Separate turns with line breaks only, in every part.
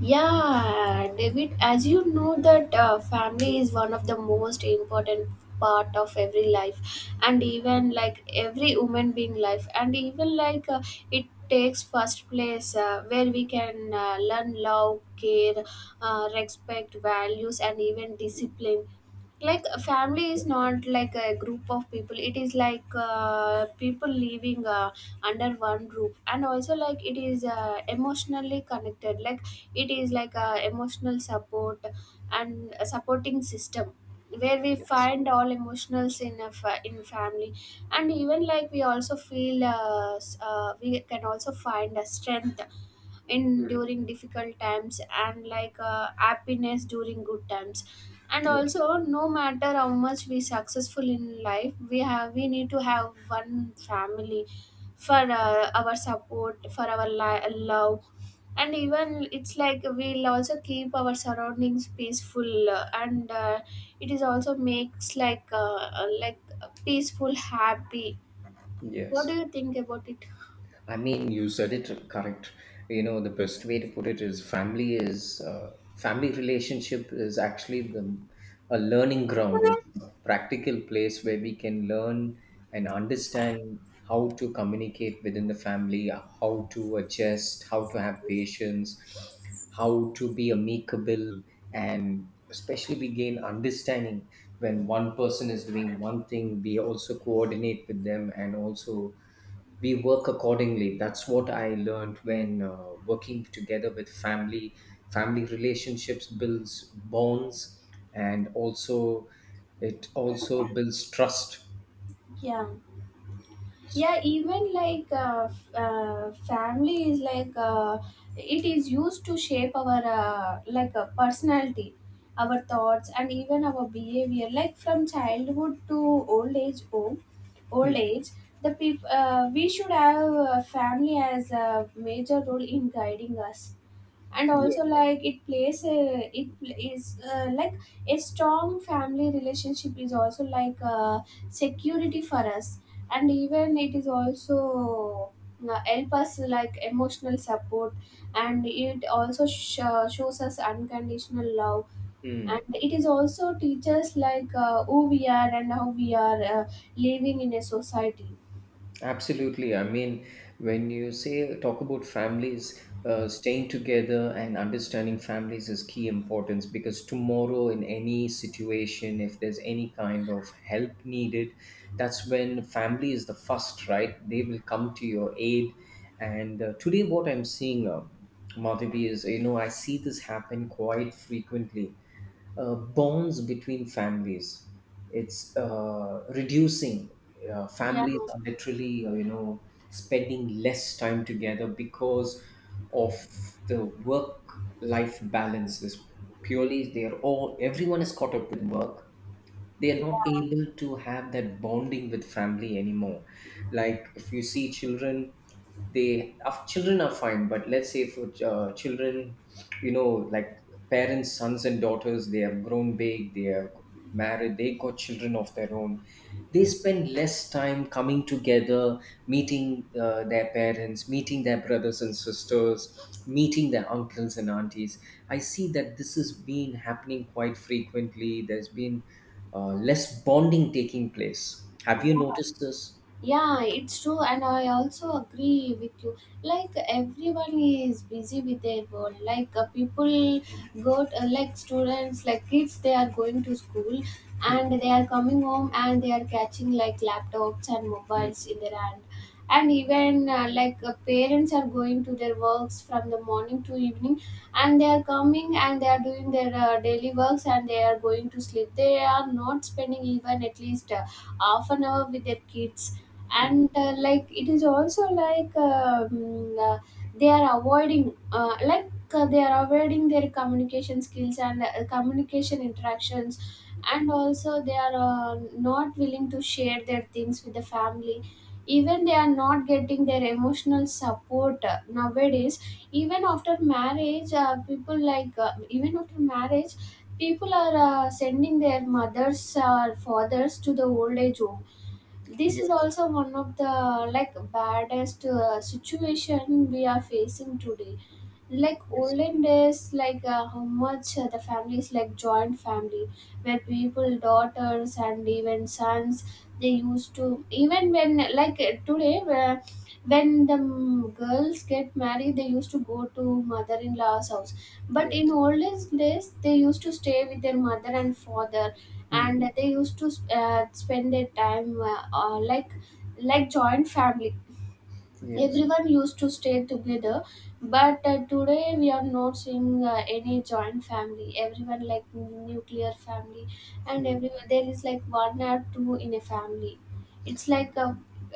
Yeah, David, as you know that family is one of the most important part of every life, and even like every human being life, and even it takes first place where we can learn love, care, respect, values and even discipline. Like a family is not like a group of people, it is like people living under one roof, and also like it is emotionally connected, like it is like a emotional support and a supporting system where we
Yes.
find all emotionals in in family, and even like we also feel we can also find a strength in
Mm.
during difficult times, and like happiness during good times. And
Yeah.
also, no matter how much we successful in life, we have we need to have one family for our support, for our love. And even it's like we'll also keep our surroundings peaceful, and it is also makes like peaceful happy. What do
Yes.
you think about it?
I mean, you said it correct. You know, the best way to put it is family relationship is actually the a learning ground. It's a practical place where we can learn and understand how to communicate within the family, how to adjust, how to have patience, how to be amicable, and especially we gain understanding when one person is doing one thing. We also coordinate with them, and also we work accordingly. That's what I learned when working together with family. Family relationships builds bonds, and also it also builds trust.
Yeah.
S-
Yeah, even family is like it is used to shape our personality, our thoughts and even our behavior, like from childhood to old age home, old
Mm.
age. The people, we should have family as a major role in guiding us. And
Yeah.
also like it plays a, it is like a strong family relationship is also like security for us, and even it is also help us like emotional support, and it also shows us unconditional love.
Mm.
And it is also teaches like who we are and how we are living in a society.
Absolutely. I mean, when you say talk about families, staying together and understanding families is key importance, because tomorrow, in any situation, if there's any kind of help needed, that's when family is the first, right? They will come to your aid. And today, what I'm seeing, Madhavi, is, you know, I see this happen quite frequently, bonds between families. It's reducing.
Yeah,
Families are literally, you know, spending less time together because of the work-life balance. Is purely they are all, everyone is caught up with work, they are not
yeah,
able to have that bonding with family anymore. Like if you see children, they of children are fine, but let's say for children, you know, like parents, sons and daughters, they have grown big, they are married, they got children of their own. They spend less time coming together, meeting their parents, meeting their brothers and sisters, meeting their uncles and aunties. I see that this has been happening quite frequently. There's been less bonding taking place. Have you
yeah.
noticed this?
Yeah, it's true, and I also agree with you. Like everyone is busy with their world. Like people go, to, like students, like kids, they are going to school,
Mm,
and they are coming home, and they are catching like laptops and
mm,
mobiles in their hand. And even parents are going to their works from the morning to evening, and they are coming and they are doing their daily works, and they are going to sleep. They are not spending even at least half an hour with their kids.
mm.
And like it is also they are avoiding they are avoiding their communication skills and communication interactions. And also they are not willing to share their things with the family. Even they are not getting their emotional support nowadays. Even after marriage, people like even after marriage, people are sending their mothers or fathers to the old age home. This is
Yes,
also one of the like baddest situation we are facing today. Like
yes,
olden days, like how much the families like joint family, where people daughters and even sons, they used to even when like today where when the girls get married, they used to go to mother-in-law's house, but in
yes,
olden days they used to stay with their mother and father,
mm,
and they used to spend their time like joint family,
yes.
everyone used to stay together. But today we are not seeing any joint family, everyone like nuclear family, and
Mm,
everyone there is like one or two in a family. It's like a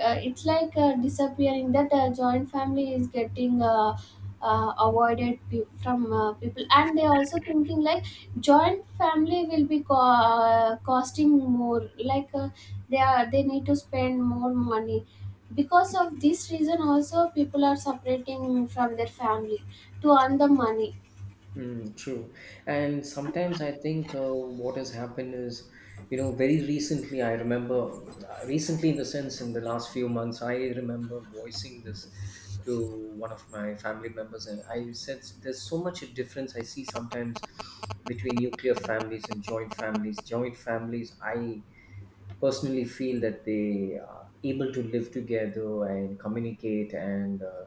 it's like disappearing that joint family is getting
mm,
avoided from people, and they also thinking like joint family will be costing more, like they are they need to spend more money. Because of this reason also, people are separating from their family to earn the money.
mm, true. And sometimes I think what has happened is, you know, very recently, I remember, recently in the sense in the last few months, I remember voicing this to one of my family members, and I said, there's so much a difference I see sometimes between nuclear families and joint families. Joint families, I personally feel that they are able to live together and communicate, and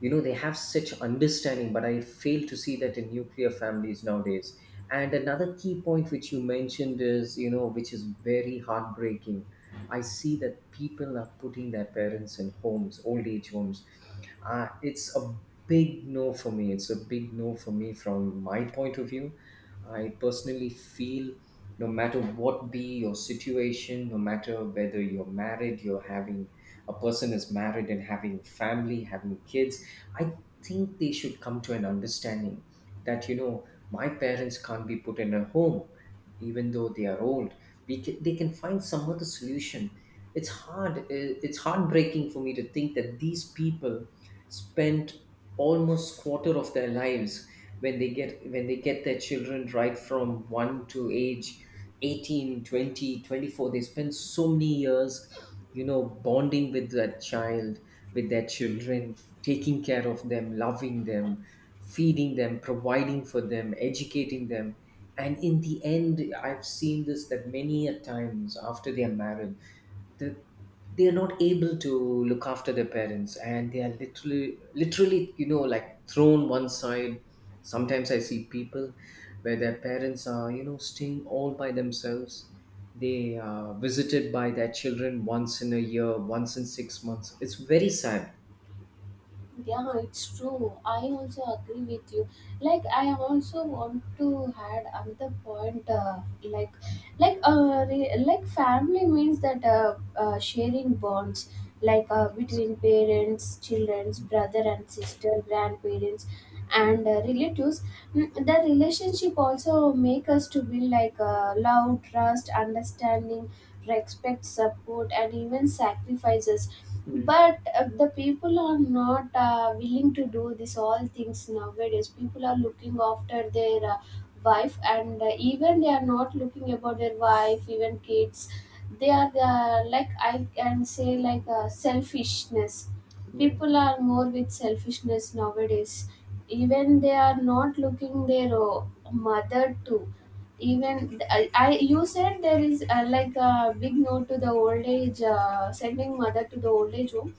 you know, they have such understanding, but I fail to see that in nuclear families nowadays. And another key point which you mentioned is, you know, which is very heartbreaking. I see that people are putting their parents in homes, old age homes. It's a big no for me, it's a big no for me, from my point of view. I personally feel, no matter what be your situation, no matter whether you're married, you're having, a person is married and having family, having kids, I think they should come to an understanding that, you know, my parents can't be put in a home, even though they are old. We can, they can find some other solution. It's hard, it's heartbreaking for me to think that these people spent almost quarter of their lives. When they get, their children, right from 1 to age 18, 20, 24, they spend so many years, you know, bonding with that child, with their children, taking care of them, loving them, feeding them, providing for them, educating them. And in the end, I've seen this, that many a times after they are married, the, they are not able to look after their parents, and they are literally, you know, like thrown one side. Sometimes I see people where their parents are, you know, staying all by themselves. They are visited by their children once in a year, once in 6 months. It's very sad.
Yeah, it's true, I also agree with you. Like I also want to add another point, like family means that sharing bonds like between parents, childrens, brother and sister, grandparents, and relatives. The relationship also make us to build like love, trust, understanding, respect, support, and even sacrifices.
Mm.
But the people are not willing to do this all things nowadays. People are looking after their wife, and even they are not looking about their wife, even kids, they are like I can say like selfishness. People
Yes.
are more with selfishness nowadays. Even they are not looking their mother too. Even I you said there is like a big no to the old age, sending mother to the old age home.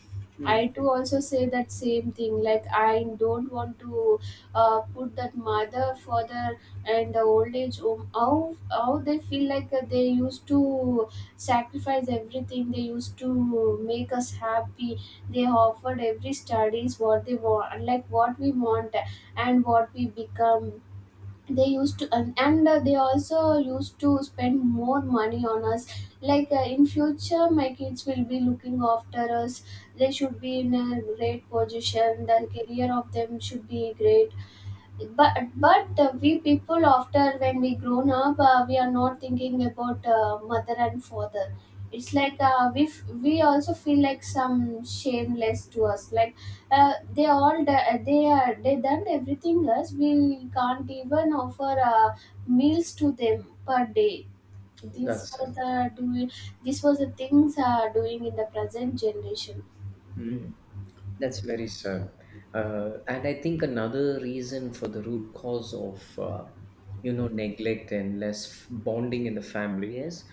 I
Mm.
too also say that same thing, like I don't want to put that mother father and the old age home. How they feel like, they used to sacrifice everything, they used to make us happy. They offered every studies what they want, like what we want and what we become. They used to and they also used to spend more money on us like in future my kids will be looking after us, they should be in a great position, the career of them should be great. But we people after when we grown up, we are not thinking about mother and father. It's like we also feel like some shameless to us, like they they are they done everything us, we can't even offer meals to them per day. These
That's
were
sad.
the doing, these was the things are doing in the present generation.
Mm. That's very sad. And I think another reason for the root cause of, you know, neglect and less bonding in the family, is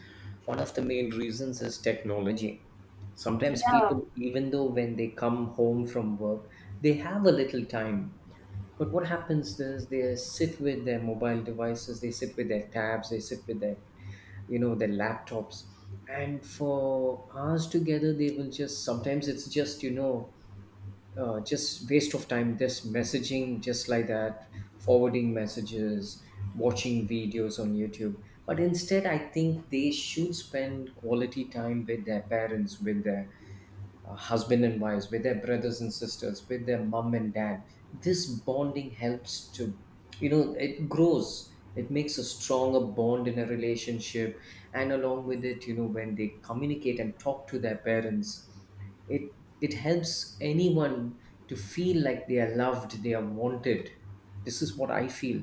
one of the main reasons is technology. Sometimes
Yeah.
people, even though when they come home from work, they have a little time, but what happens is they sit with their mobile devices, they sit with their tabs, they sit with their, you know, their laptops. And for hours together, they will just, sometimes it's just, you know, just waste of time, just messaging, just like that, forwarding messages, watching videos on YouTube. But instead, I think they should spend quality time with their parents, with their husband and wives, with their brothers and sisters, with their mom and dad. This bonding helps to, you know, it grows, it makes a stronger bond in a relationship. And along with it, you know, when they communicate and talk to their parents, it it helps anyone to feel like they are loved, they are wanted. This is what I feel.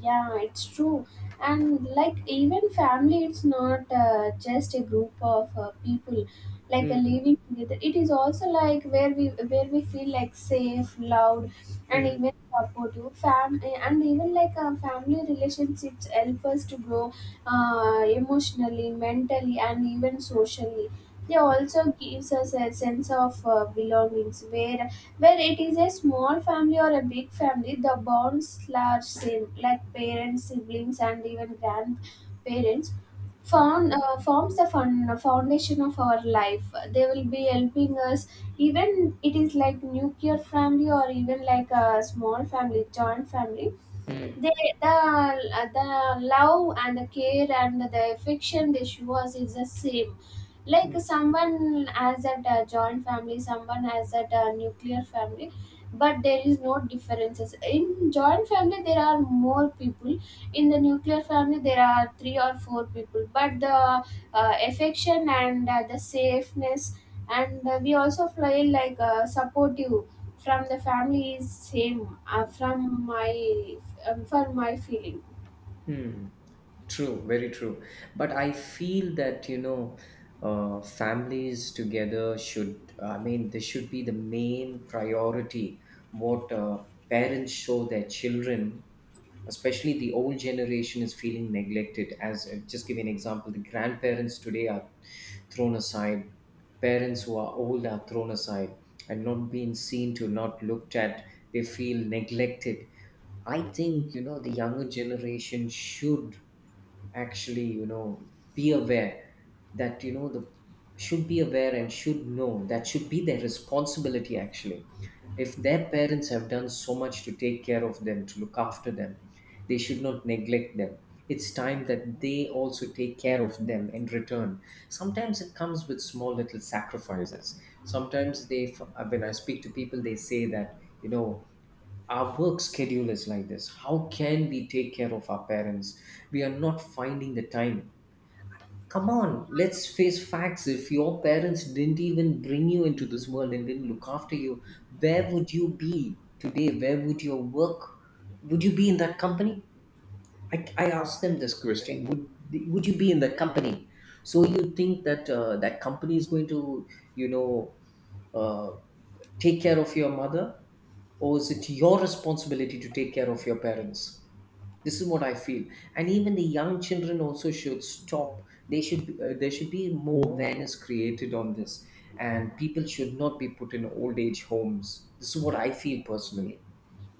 Yeah, it's true. And like even family, it's not just a group of people like
Mm,
living together. It is also like where we feel like safe, loud, and
mm,
even supportive. Fam and even like family relationships help us to grow emotionally, mentally, and even socially. They also gives us a sense of belongings, where it is a small family or a big family, the bonds are same like parents, siblings, and even grandparents
mm,
found forms the foundation of our life. They will be helping us, even it is like nuclear family or even like a small family joint family.
mm,
They the love and the care and the affection they show us is the same, like
mm.
someone has that joint family, someone has that nuclear family. But there is no differences. In joint family there are more people, in the nuclear family there are three or four people, but the affection and the safeness and we also feel like supportive from the family is same, from my for my feeling.
Hmm. True, very true. But I feel that, you know, families together should, I mean, this should be the main priority. What parents show their children, especially the old generation, is feeling neglected. As just give you an example, the grandparents today are thrown aside, parents who are old are thrown aside, and not being seen to, not looked at. They feel neglected. I think, you know, the younger generation should actually, you know, be aware that, you know, the should be aware and should know that should be their responsibility, actually. If their parents have done so much to take care of them, to look after them, they should not neglect them. It's time that they also take care of them in return. Sometimes it comes with small little sacrifices. Sometimes when I speak to people, they say that, you know, our work schedule is like this, how can we take care of our parents? We are not finding the time. Come on, let's face facts. If your parents didn't even bring you into this world and didn't look after you, where would you be today? Where would your work, would you be in that company? I asked them this question, would you be in that company? So you think that that company is going to, you know, uh, take care of your mother, or is it your responsibility to take care of your parents? This is what I feel. And even the young children also should stop. They should, there should be more awareness created on this, and people should not be put in old age homes. This is what I feel, personally.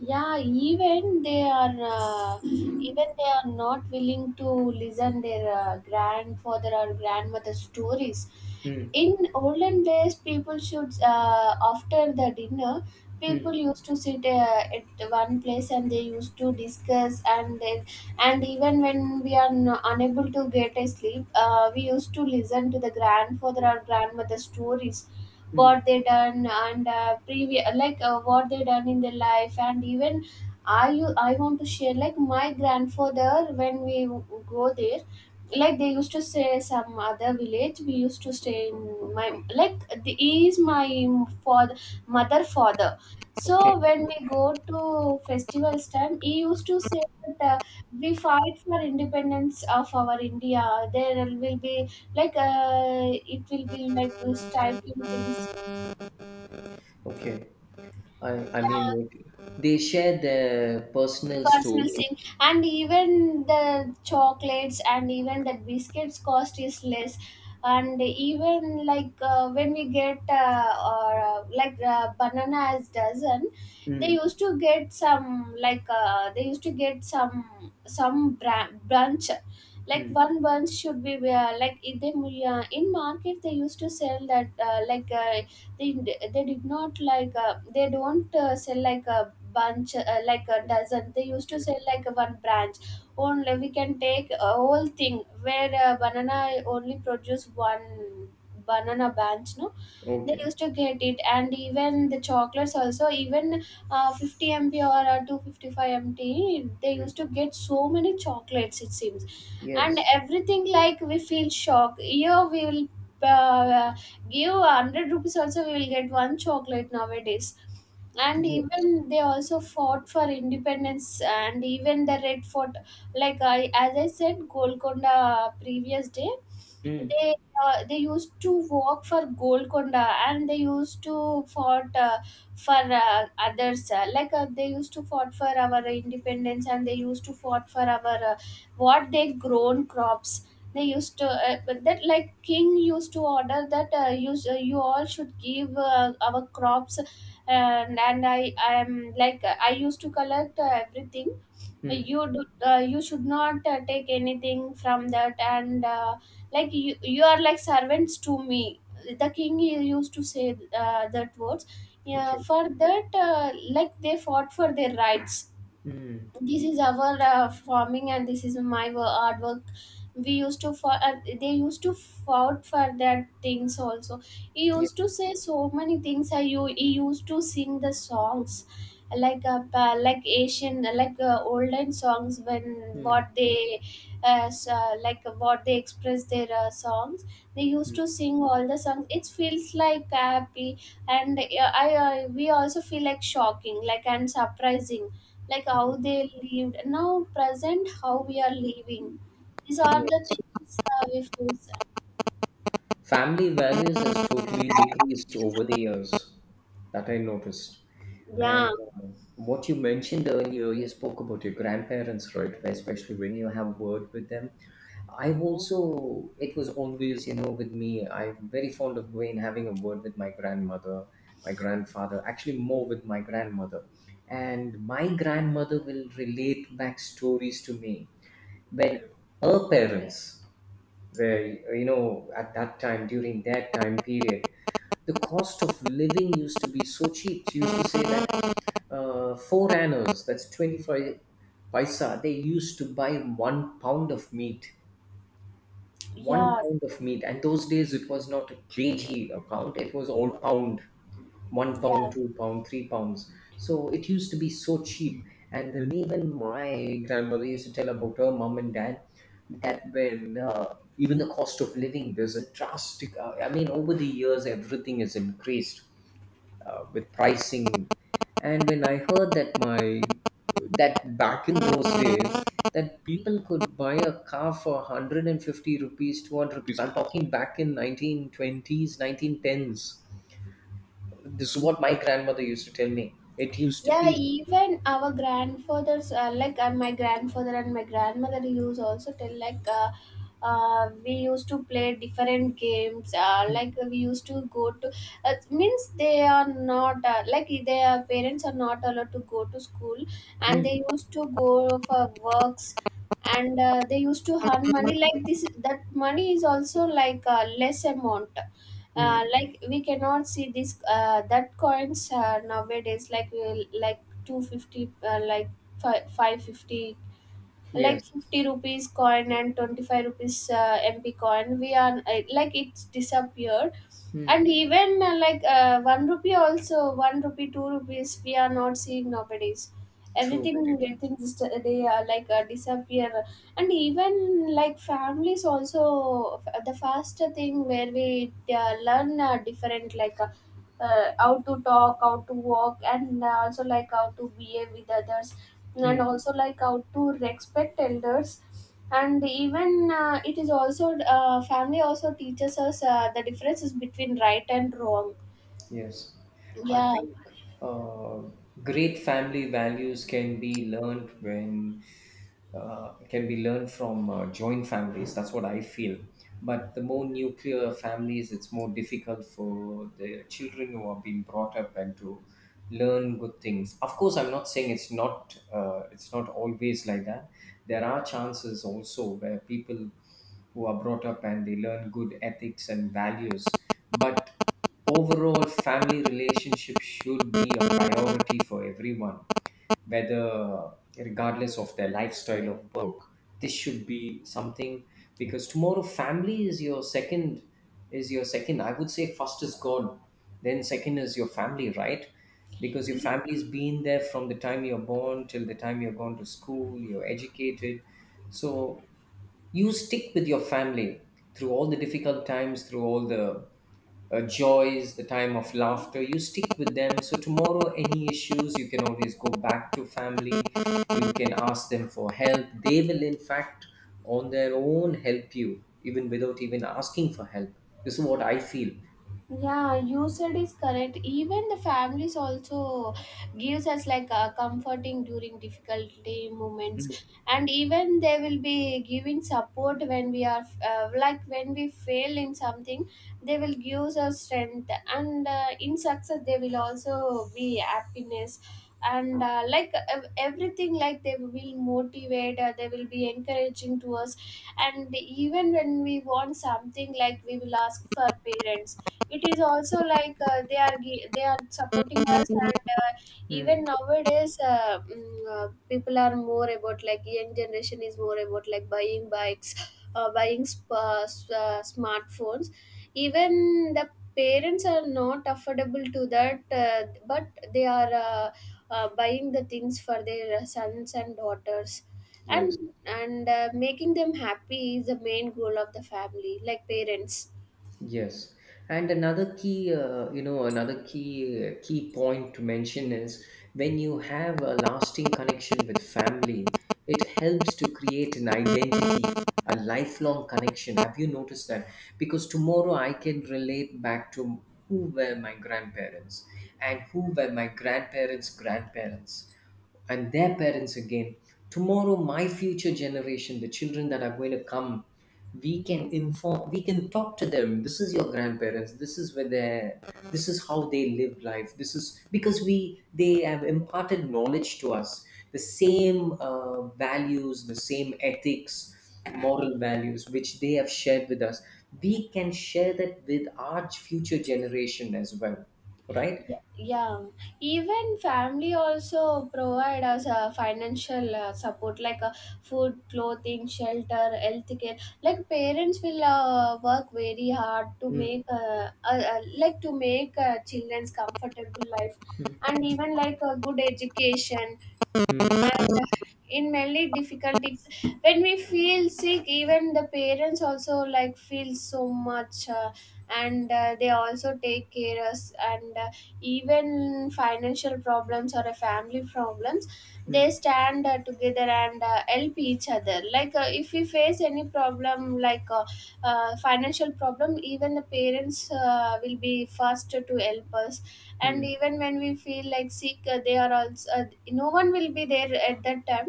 Yeah, even they are not willing to listen their grandfather or grandmother stories.
Mm,
In olden days, people should, after the dinner, people
mm,
used to sit at one place and they used to discuss, and then and even when we are unable to get a sleep, we used to listen to the grandfather or grandmother stories,
mm.
what they done and previous like what they done in their life. And even I want to share, like my grandfather, when we go there, like they used to stay some other village, we used to stay in my like the, he is my father, mother father.
Okay.
So when we go to festivals time, he used to say that we fight for independence of our India. There will be like it will be like striking things.
Okay. I i mean,
Yeah,
what- they share their personal
personal
stories.
thing, and even the chocolates and even the biscuits cost is less, and even like when we get or like banana as dozen, they
Mm,
used to get some, like they used to get branch, like
mm.
one bunch should be like in the in market. They used to sell that, like they they did not, like they don't sell like a bunch, like a dozen. They used to sell like one branch, only we can take a whole thing, where banana only produce one banana branch, no, they
Okay.
used to get it. And even the chocolates also, even 50 mp or 255 MT, they
Mm.
used to get so many chocolates, it seems. And
Yes.
everything, like we feel shock here, we will uh, give 100 rupees also, we will get one chocolate nowadays. And
Yes.
even they also fought for independence, and even the Red Fort, like I, as I said, Golconda previous day,
Mm,
they they used to walk for Golconda, and they used to fought for others, like they used to fought for our independence, and they used to fought for our what they grown crops. They used to but that like king used to order that you, you all should give our crops, and I am like I used to collect everything.
mm.
You do, you should not take anything from that, and like you are like servants to me, the king used to say that words. Yeah,
Okay.
for that, like they fought for their rights.
Mm.
This is our farming, and this is my hard work, we used to for they used to fought for that things also. He used to
Yes.
say so many things, you he used to sing the songs, like like Asian, like olden songs, when
Mm.
what they like what they express their songs, they used
Mhm.
to sing all the songs, it feels like happy. And I we also feel like shocking, like, and surprising, like how they lived now, present how we are living. These are the
Yes.
things we face.
Family values has totally decreased over the years, that I noticed. And what you mentioned earlier, you spoke about your grandparents, right? Especially when you have word with them. I've also, it was always, you know, with me, I'm very fond of going, having a word with my grandmother, my grandfather, actually more with my grandmother. And my grandmother will relate back stories to me when our parents were, you know, at that time, during that time period, the cost of living used to be so cheap. She used to say that, 4 annas, that's 25 paisa, they used to buy 1 pound of meat, one
Yeah,
pound of meat. And those days it was not a kg account, it was all pound, 1 pound,
yeah.
2 pound, 3 pounds. So it used to be so cheap. And then even my grandmother used to tell about her mom and dad, that when, even the cost of living, there's a drastic, I mean, over the years, everything has increased with pricing. And when I heard that my, that back in those days, that people could buy a car for 150 rupees, 200 rupees. I'm talking back in 1920s, 1910s. This is what my grandmother used to tell me. It used to
Yeah,
be.
even our grandfathers, like my grandfather and my grandmother, used also tell, like we used to play different games. Like we used to go to, means they are not, like their parents are not allowed to go to school, and
Mm,
they used to go for works, and they used to earn money like this. That money is also like a less amount,
mm,
like we cannot see this that coins nowadays, like like 250, like 550,
yes.
like 50 rupees coin and 25 rupees mp coin, we are like it's disappeared. And
Mm,
even like 1 rupee also, 1 rupee 2 rupees we are not seeing nowadays,
true.
everything
Very
getting, they like disappear. And even like families also, the first thing where we learn different, like how to talk, how to walk, and also like how to behave with others, and
true.
also like how to respect elders. And even it is also family also teaches us the differences between right and wrong.
Yes, I
Yeah.
think uh, great family values can be learned when, can be learned from joint families. That's what I feel. But the more nuclear families, it's more difficult for the children who are being brought up and to learn good things. Of course, I'm not saying it's not, it's not always like that. There are chances also where people who are brought up and they learn good ethics and values, but overall, family relationships should be a priority for everyone, whether, regardless of their lifestyle of work. This should be something, because tomorrow family is your second, I would say first is God, then second is your family, right? Because your family's been there from the time you're born till the time you're gone to school, you're educated. So you stick with your family through all the difficult times, through all the joys, the time of laughter, you stick with them. So, tomorrow, any issues, you can always go back to family. You can ask them for help. They will, in fact, on their own help you, even without even asking for help. This is what I feel.
Yeah, you said is correct, even the families also gives us like a comforting during difficulty moments, and even they will be giving support when we are, like when we fail in something, they will give us strength. And in success they will also be happiness. And like everything, like they will motivate, they will be encouraging to us. And even when we want something, like we will ask for parents, it is also like they are supporting us, and
Mm.
even nowadays people are more about, like young generation is more about like buying bikes smartphones. Even the parents are not affordable to that, but they are buying the things for their sons and daughters.
Yes.
And making them happy is the main goal of the family, like parents.
Yes, and another key, another key point to mention is when you have a lasting connection with family, it helps to create an identity, a lifelong connection. Have you noticed that? Because tomorrow I can relate back to who were my grandparents and who were my grandparents' grandparents and their parents again. Tomorrow, my future generation, the children that are going to come, we can inform, we can talk to them. This is your grandparents. This is where this is how they lived life. This is because they have imparted knowledge to us. The same values, the same ethics, moral values which they have shared with us. We can share that with our future generation as well, right?
Yeah, yeah. Even family also provide us a financial support, like food, clothing, shelter, health care. Like parents will work very hard to
Mm,
make like to make children's comfortable life, and even like a good education. And in mainly difficulties, when we feel sick, even the parents also like feel so much, and they also take care us, and even financial problems or a family problems, they
mm,
stand together and help each other. Like if we face any problem, like financial problem, even the parents will be first to help us. And
mm,
even when we feel like sick, they are also no one will be there at that time,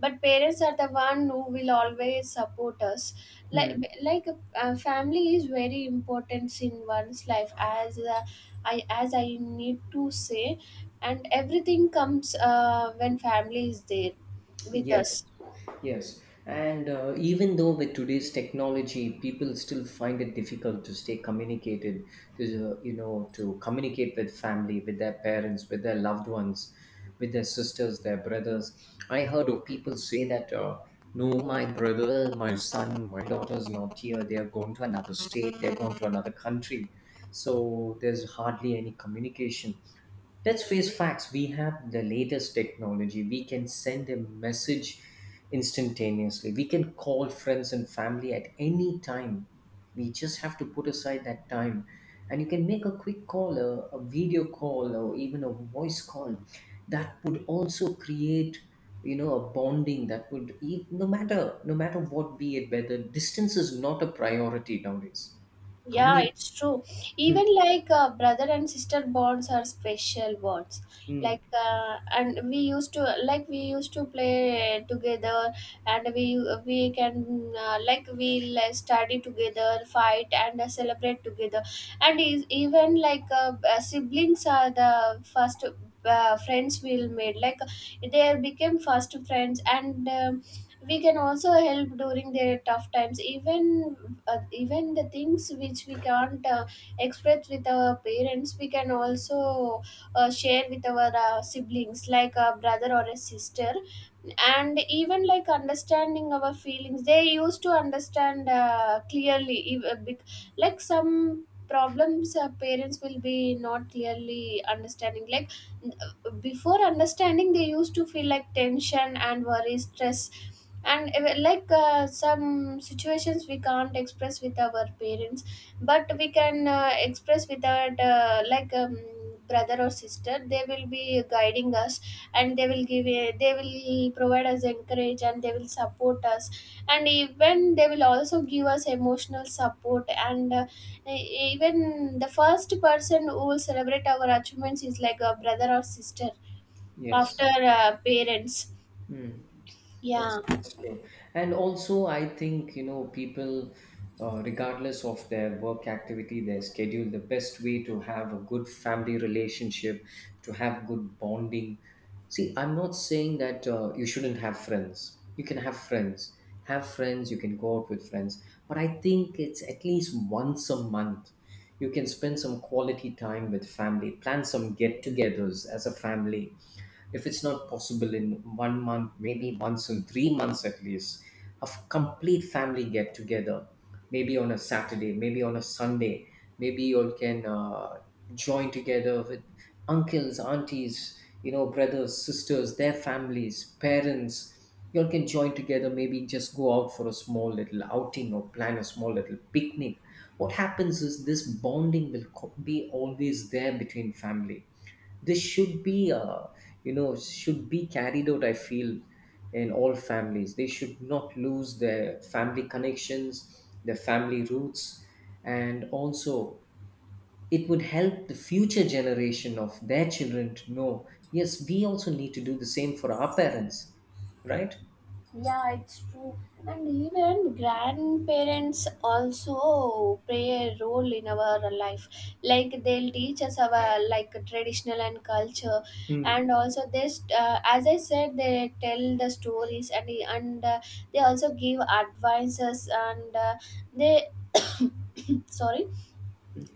but parents are the one who will always support us. like
mm.
like family is very important in one's life, as I, as I need to say, and everything comes when family is there with us.
Yes, yes. And even though with today's technology, people still find it difficult to stay communicated, to, to communicate with family, with their parents, with their loved ones, with their sisters, their brothers. I heard of people say that, no, my brother, my son, my daughter's not here. They are going to another state. They're going to another country. So there's hardly any communication. Let's face facts, we have the latest technology. We can send a message instantaneously. We can call friends and family at any time. We just have to put aside that time. And you can make a quick call, a video call, or even a voice call. That would also create, a bonding that would, no matter what be it, whether distance is not a priority nowadays.
Yeah,
Community.
it's true. Even
Mm,
like brother and sister bonds are special bonds.
mm,
Like and we used to like we used to play together, and we can, like we like, study together, fight and celebrate together. And is, even like siblings are the first friends we'll made. Like they became first friends. And um, we can also help during their tough times, even even the things which we can't express with our parents, we can also share with our siblings, like a brother or a sister. And even like understanding our feelings, they used to understand clearly, like some problems, parents will be not clearly understanding, like before understanding they used to feel like tension and worry stress. And like some situations we can't express with our parents, but we can express with our like brother or sister, they will be guiding us. And they will give a, they will provide us encourage, and they will support us. And even they will also give us emotional support, and even the first person who will celebrate our achievements is like a brother or sister, after
yes.
parents.
Mm. That's
Yeah.
that's true. And also, I think you know people, regardless of their work activity, their schedule, the best way to have a good family relationship, to have good bonding. See, I'm not saying that you shouldn't have friends. You can have friends. Have friends. You can go out with friends. But I think it's at least once a month. You can spend some quality time with family. Plan some get-togethers as a family if it's not possible in one month, maybe once in 3 months at least, complete family get together, maybe on a Saturday, maybe on a Sunday, maybe you all can join together with uncles, aunties, you know, brothers, sisters, their families, parents. You all can join together, maybe just go out for a small little outing or plan a small little picnic. What happens is this be always there between family. This should be should be carried out, I feel, in all families. They should not lose their family connections, their family roots, and also it would help the future generation of their children to know, yes, we also need to do the same for our parents, right?
Yeah, it's true. And even grandparents also play a role in our life. Like they'll teach us our like traditional and culture, and
Mm.
also this, as I said, they tell the stories, and they also give advices, and they sorry,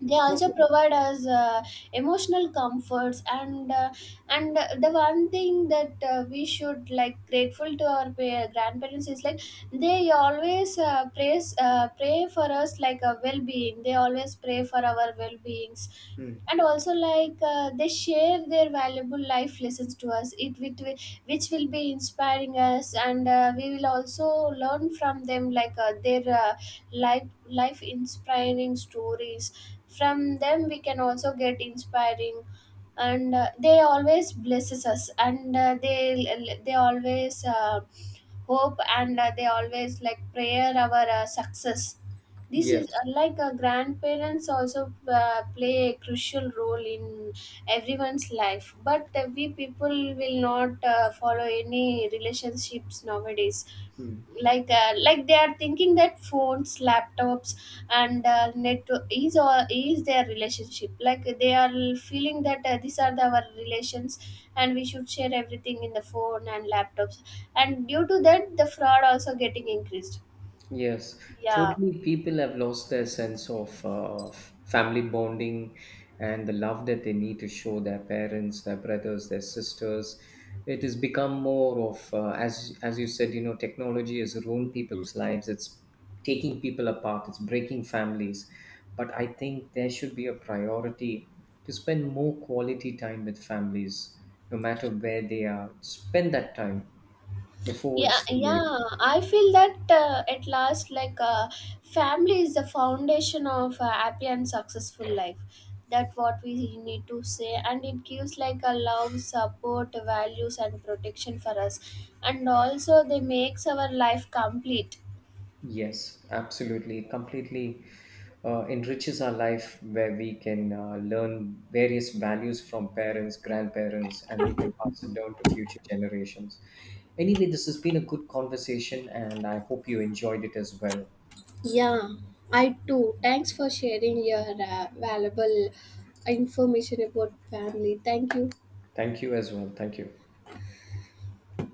they also
Okay.
provide us emotional comforts. And and the one thing that we should like grateful to our grandparents is, like they always praise pray for us like a well-being, they always pray for our well-beings.
Mm.
And also like they share their valuable life lessons to us, it with which will be inspiring us, and we will also learn from them, like their life inspiring stories from them, we can also get inspiring. And they always blesses us, and they always hope, and they always like prayer our success. This
Yes.
is like grandparents also play a crucial role in everyone's life, but we people will not follow any relationships nowadays.
Mm.
Like like they are thinking that phones, laptops, and net is or is their relationship, like they are feeling that these are the, our relations, and we should share everything in the phone and laptops. And due to that, the fraud also getting increased.
Yes,
Yeah,
totally. People have lost their sense of family bonding and the love that they need to show their parents, their brothers, their sisters. It has become more of, as you said, you know, technology has ruined people's lives. It's taking people apart. It's breaking families. But I think there should be a priority to spend more quality time with families, no matter where they are. Spend that time before
yeah,
it's too late.
yeah, I feel that at last, like family is the foundation of a happy and successful life. That what we need to say, and it gives like a love, support, values and protection for us. And also they makes our life complete.
Yes, absolutely. It completely enriches our life where we can learn various values from parents, grandparents, and we can pass it down to future generations. Anyway, this has been a good conversation, and I hope you enjoyed it as well.
Yeah, I too. Thanks for sharing your valuable information about family. Thank you.
Thank you as well. Thank you.